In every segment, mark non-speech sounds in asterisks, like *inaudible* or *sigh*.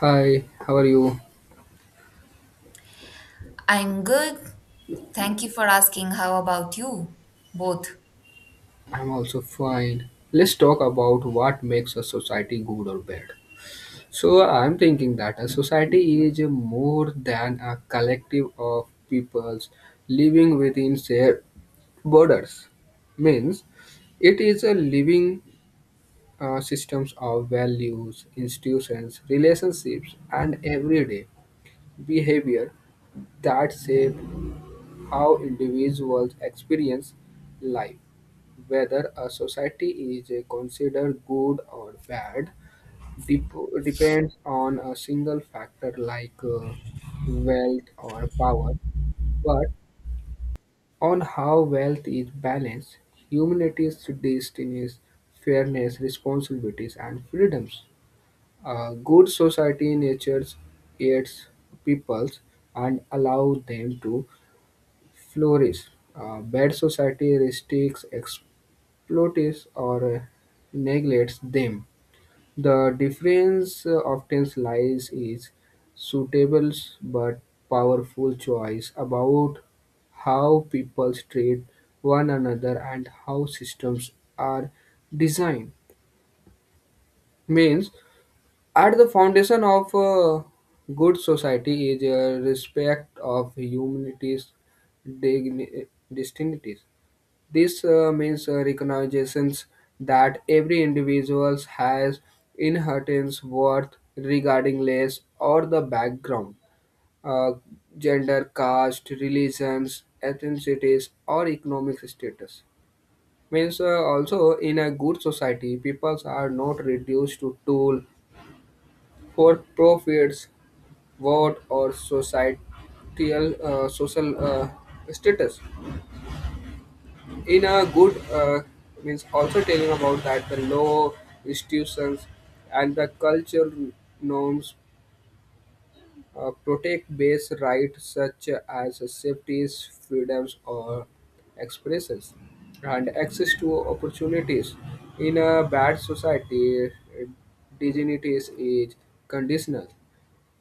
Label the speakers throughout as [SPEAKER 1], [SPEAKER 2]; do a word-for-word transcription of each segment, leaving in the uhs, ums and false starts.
[SPEAKER 1] Hi, how are you?
[SPEAKER 2] I'm good. Thank you for asking. How about you? Both.
[SPEAKER 1] I'm also fine. Let's talk about what makes a society good or bad. So, I'm thinking that a society is more than a collective of peoples living within shared borders. Means it is a living uh, systems of values, institutions, relationships, and everyday behavior that shape how individuals experience life, whether a society is uh, considered good or bad, dep- depends on a single factor like uh, wealth or power, but on how wealth is balanced, humanity's destinies, fairness, responsibilities, and freedoms. A good society nurtures its peoples and allows them to flourish. Uh, bad society restricts, exploits, or uh, neglects them. The difference uh, often lies is suitable but powerful choice about how people treat one another and how systems are designed. Means, at the foundation of a good society is a respect of humanity's digni- distinctives. This uh, means uh, recognitions that every individual has inherent worth regarding race or the background, uh, gender, caste, religions, ethnicities, or economic status. Means uh, also in a good society, peoples are not reduced to tool for profits, vote, or societal uh, social uh, status. In a good uh, means also telling about that the law institutions and the cultural norms uh, protect base rights such as safeties freedoms or expressions and access to opportunities in a bad society uh, dignity is conditional.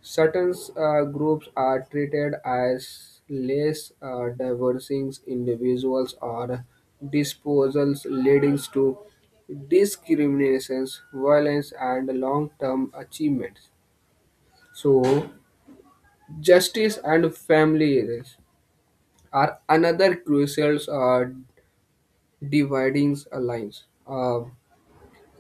[SPEAKER 1] Certain uh, groups are treated as less uh, diverging individuals or disposals, leading to discriminations, violence, and long-term achievements. So, justice and families are another crucial uh, dividing lines. Uh,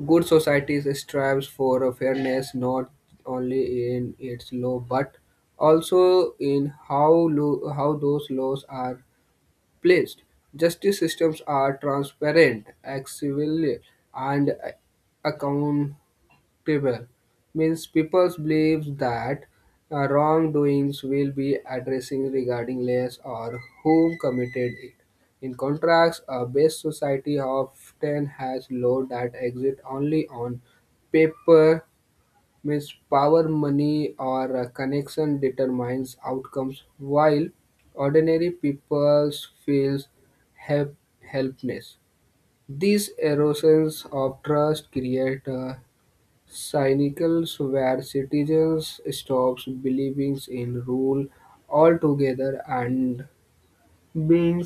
[SPEAKER 1] Good societies strives for a fairness not only in its law but also in how lo- how those laws are placed. Justice systems are transparent, accessible, and accountable table means people believe that uh, wrongdoings will be addressing regarding less or whom committed it. In contrast, a base society often has law that exist only on paper, means power, money, or a connection determines outcomes, while ordinary people feels help- helpless. These erosions of trust create a cynicals where citizens stop believing in rule altogether and begin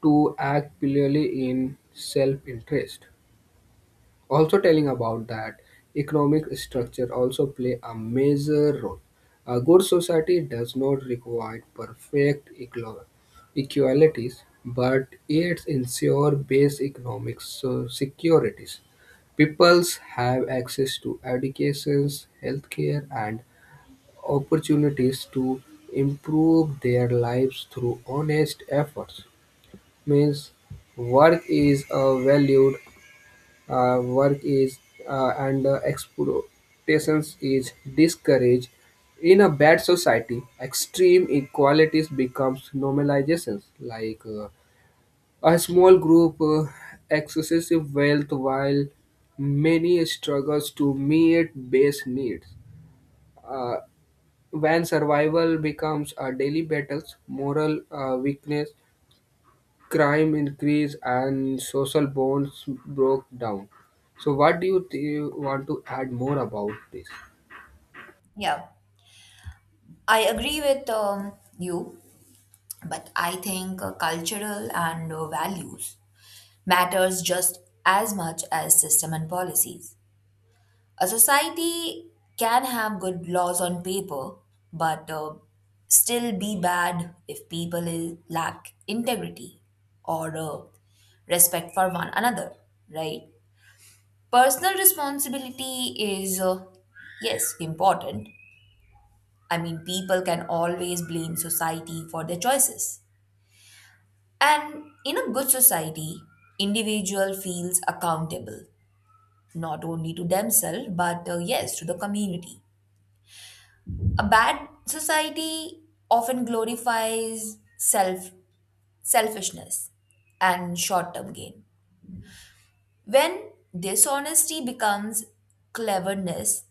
[SPEAKER 1] to act purely in self-interest also telling about that economic structure also play a major role a good society does not require perfect equal- equalities but it ensures base economic so- securities peoples have access to educations healthcare and opportunities to improve their lives through honest efforts means work is uh, valued uh, work is uh, and uh, exploitations is discouraged in a bad society extreme inequalities becomes normalizations like uh, a small group uh, excessive wealth while many struggles to meet base needs uh, when survival becomes a daily battles moral uh, weakness crime increased and social bonds broke down. So, what do you th- want to add more about this?
[SPEAKER 2] Yeah, I agree with um, you, but I think uh, cultural and uh, values matters just as much as system and policies. A society can have good laws on paper, but uh, still be bad if people i- lack integrity or uh, respect for one another, right? Personal responsibility is, uh, yes, important. I mean, people can always blame society for their choices. And in a good society, individual feels accountable, not only to themselves, but uh, yes, to the community. A bad society often glorifies self selfishness and short-term gain. When dishonesty becomes cleverness,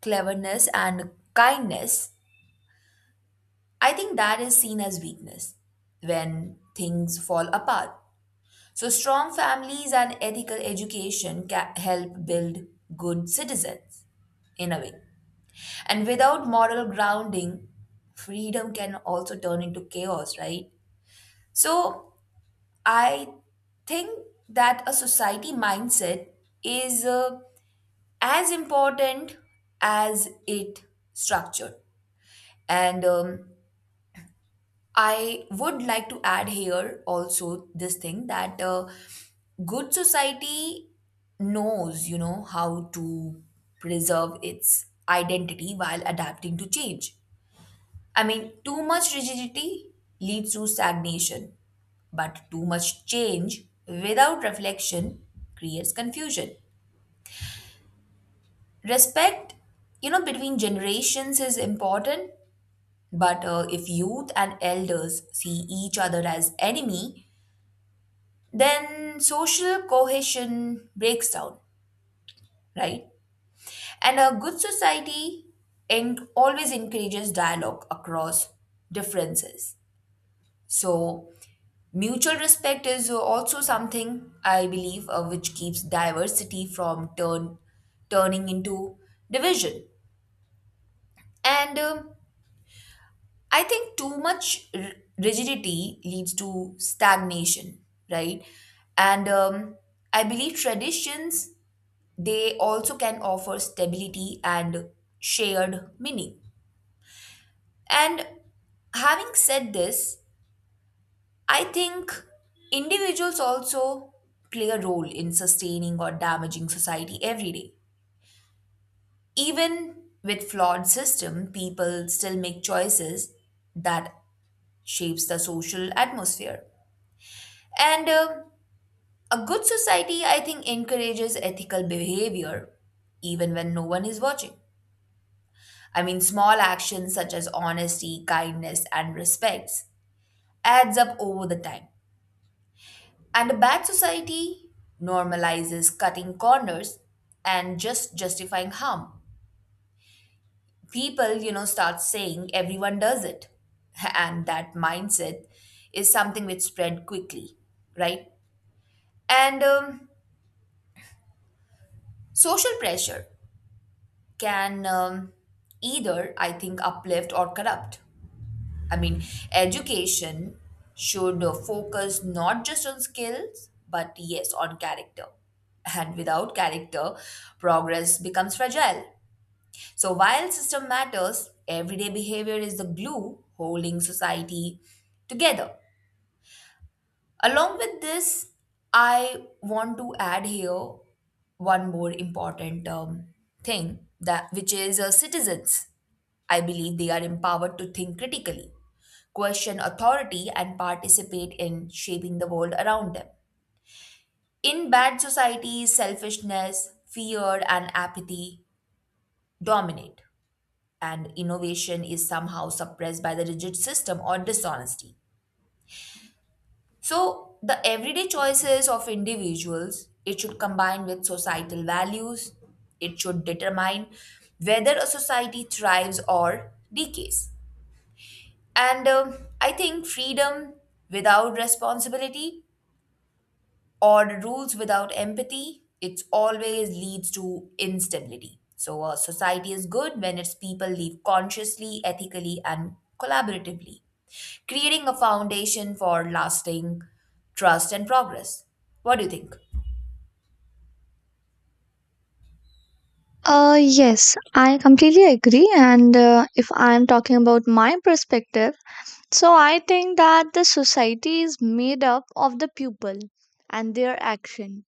[SPEAKER 2] cleverness and kindness I think that is seen as weakness when things fall apart. So, strong families and ethical education can help build good citizens in a way. And without moral grounding, freedom can also turn into chaos, right? So, I think that a society mindset is uh, as important as it structured. And um, I would like to add here also this thing that uh, good society knows, you know, how to preserve its identity while adapting to change. I mean, too much rigidity leads to stagnation, but too much change without reflection creates confusion. Respect, you know, between generations is important, but uh, if youth and elders see each other as enemy, then social cohesion breaks down, right? And a good society en- always encourages dialogue across differences. So, mutual respect is also something I believe uh, which keeps diversity from turn turning into division. And um, I think too much r- rigidity leads to stagnation, right? And um, I believe traditions They also can offer stability and shared meaning. And having said this, I think individuals also play a role in sustaining or damaging society every day. Even with flawed system, people still make choices that shapes the social atmosphere. And um a good society, I think, encourages ethical behavior even when no one is watching. I mean, small actions such as honesty, kindness, and respects adds up over the time. And a bad society normalizes cutting corners and just justifying harm. People, you know, start saying everyone does it. *laughs* And that mindset is something which spread quickly, right? And um, social pressure can um, either, I think, uplift or corrupt. I mean, education should uh, focus not just on skills, but yes, on character. And without character, progress becomes fragile. So, while system matters, everyday behavior is the glue holding society together. Along with this, I want to add here one more important um, thing that which is uh, citizens I believe they are empowered to think critically, question authority, and participate in shaping the world around them. In bad societies, selfishness, fear, and apathy dominate, and innovation is somehow suppressed by the rigid system or dishonesty. So, the everyday choices of individuals, it should combine with societal values. It should determine whether a society thrives or decays. And um I think freedom without responsibility or rules without empathy, it always leads to instability. So a society is good when its people live consciously, ethically, and collaboratively, creating a foundation for lasting trust and progress. What do you think?
[SPEAKER 3] Uh, yes, I completely agree. And uh, if I'm talking about my perspective, so I think that the society is made up of the people and their action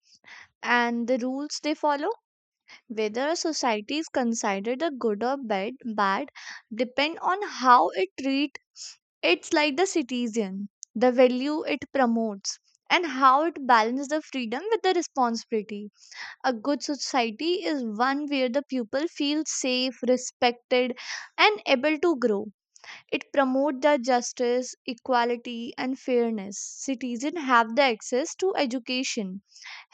[SPEAKER 3] and the rules they follow. Whether a society is considered a good or bad, bad depend on how it treat it's like the citizen, the value it promotes, and how it balances the freedom with the responsibility. A good society is one where the pupil feels safe, respected, and able to grow. It promotes the justice, equality, and fairness. Citizens have the access to education,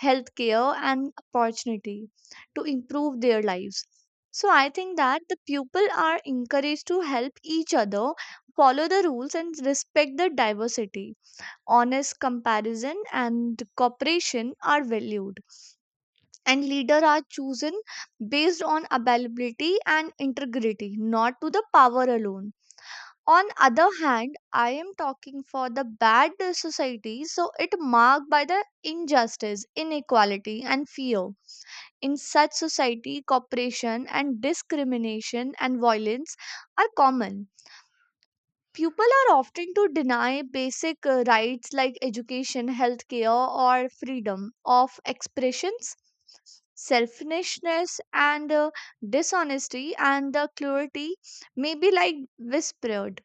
[SPEAKER 3] healthcare, and opportunity to improve their lives. So I think that the people are encouraged to help each other, follow the rules, and respect the diversity. Honest comparison and cooperation are valued, and leader are chosen based on availability and integrity, not to the power alone. On other hand, I am talking for the bad society, so it marked by the injustice, inequality, and fear. In such society cooperation and discrimination and violence are common. People are often to deny basic uh, rights like education, healthcare, or freedom of expressions. Selfishness and uh, dishonesty and the cruelty may be like whispered,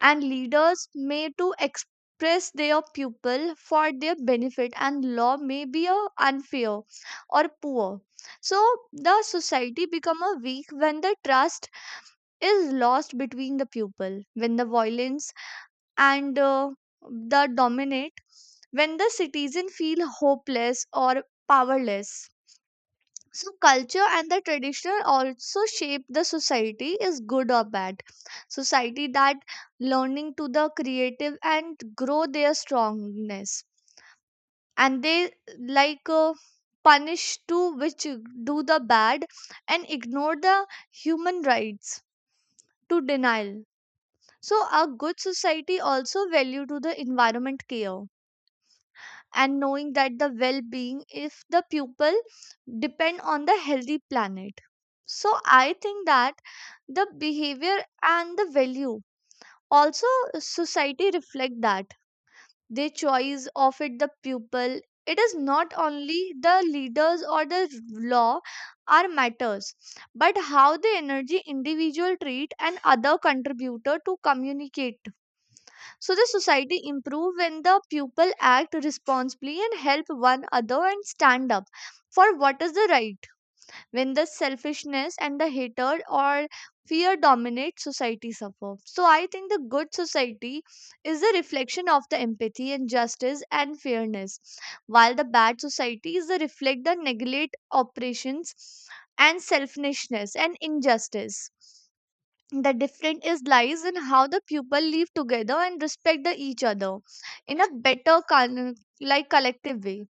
[SPEAKER 3] and leaders may to express their people for their benefit, and law may be uh, unfair or poor. So the society become a weak when the trust is lost between the people, when the violence and uh, the dominate, when the citizen feel hopeless or powerless. So culture and the tradition also shape the society is good or bad. Society that learning to the creative and grow their strongness, and they like uh, punish to which do the bad and ignore the human rights to denial. So a good society also value to the environment care and knowing that the well-being if the pupil depend on the healthy planet. So I think that the behavior and the value also society reflect that their choice of it the pupil, it is not only the leaders or the law are matters, but how the energy individual treat and other contributor to communicate. So the society improve when the people act responsibly and help one another and stand up for what is the right. When the selfishness and the hatred or fear dominate, society suffer. So I think the good society is a reflection of the empathy and justice and fairness, while the bad society is a reflect the neglect operations and selfishness and injustice. The difference is lies in how the pupil live together and respect the each other in a better con- like collective way.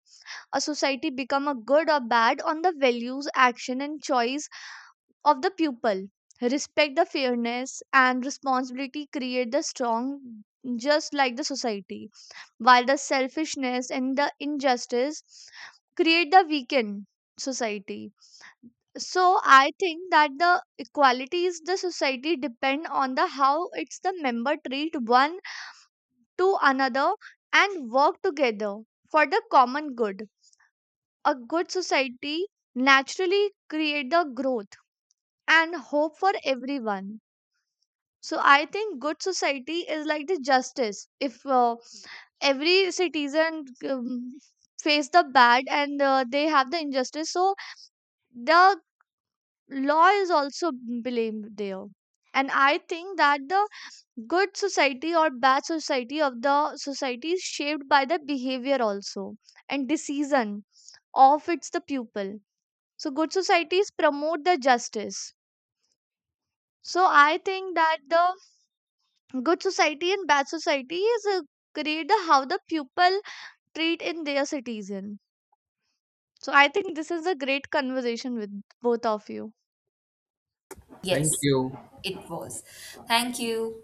[SPEAKER 3] A society become a good or bad on the values action and choice of the pupil. Respect the fairness and responsibility create the strong, just like the society, while the selfishness and the injustice create the weakened society. So I think that the equalities the society depend on the how it's the member treat one to another and work together for the common good. A good society naturally create the growth and hope for everyone. So I think good society is like the justice if uh, every citizen um, face the bad and uh, they have the injustice, so the law is also blamed there. And I think that the good society or bad society of the society is shaped by the behavior also and decision of its the pupil. So good societies promote the justice. So I think that the good society and bad society is a great the how the pupil treat in their citizen. So I think this is a great conversation with both of you.
[SPEAKER 1] Thank
[SPEAKER 2] Yes,
[SPEAKER 1] you.
[SPEAKER 2] it was. Thank you.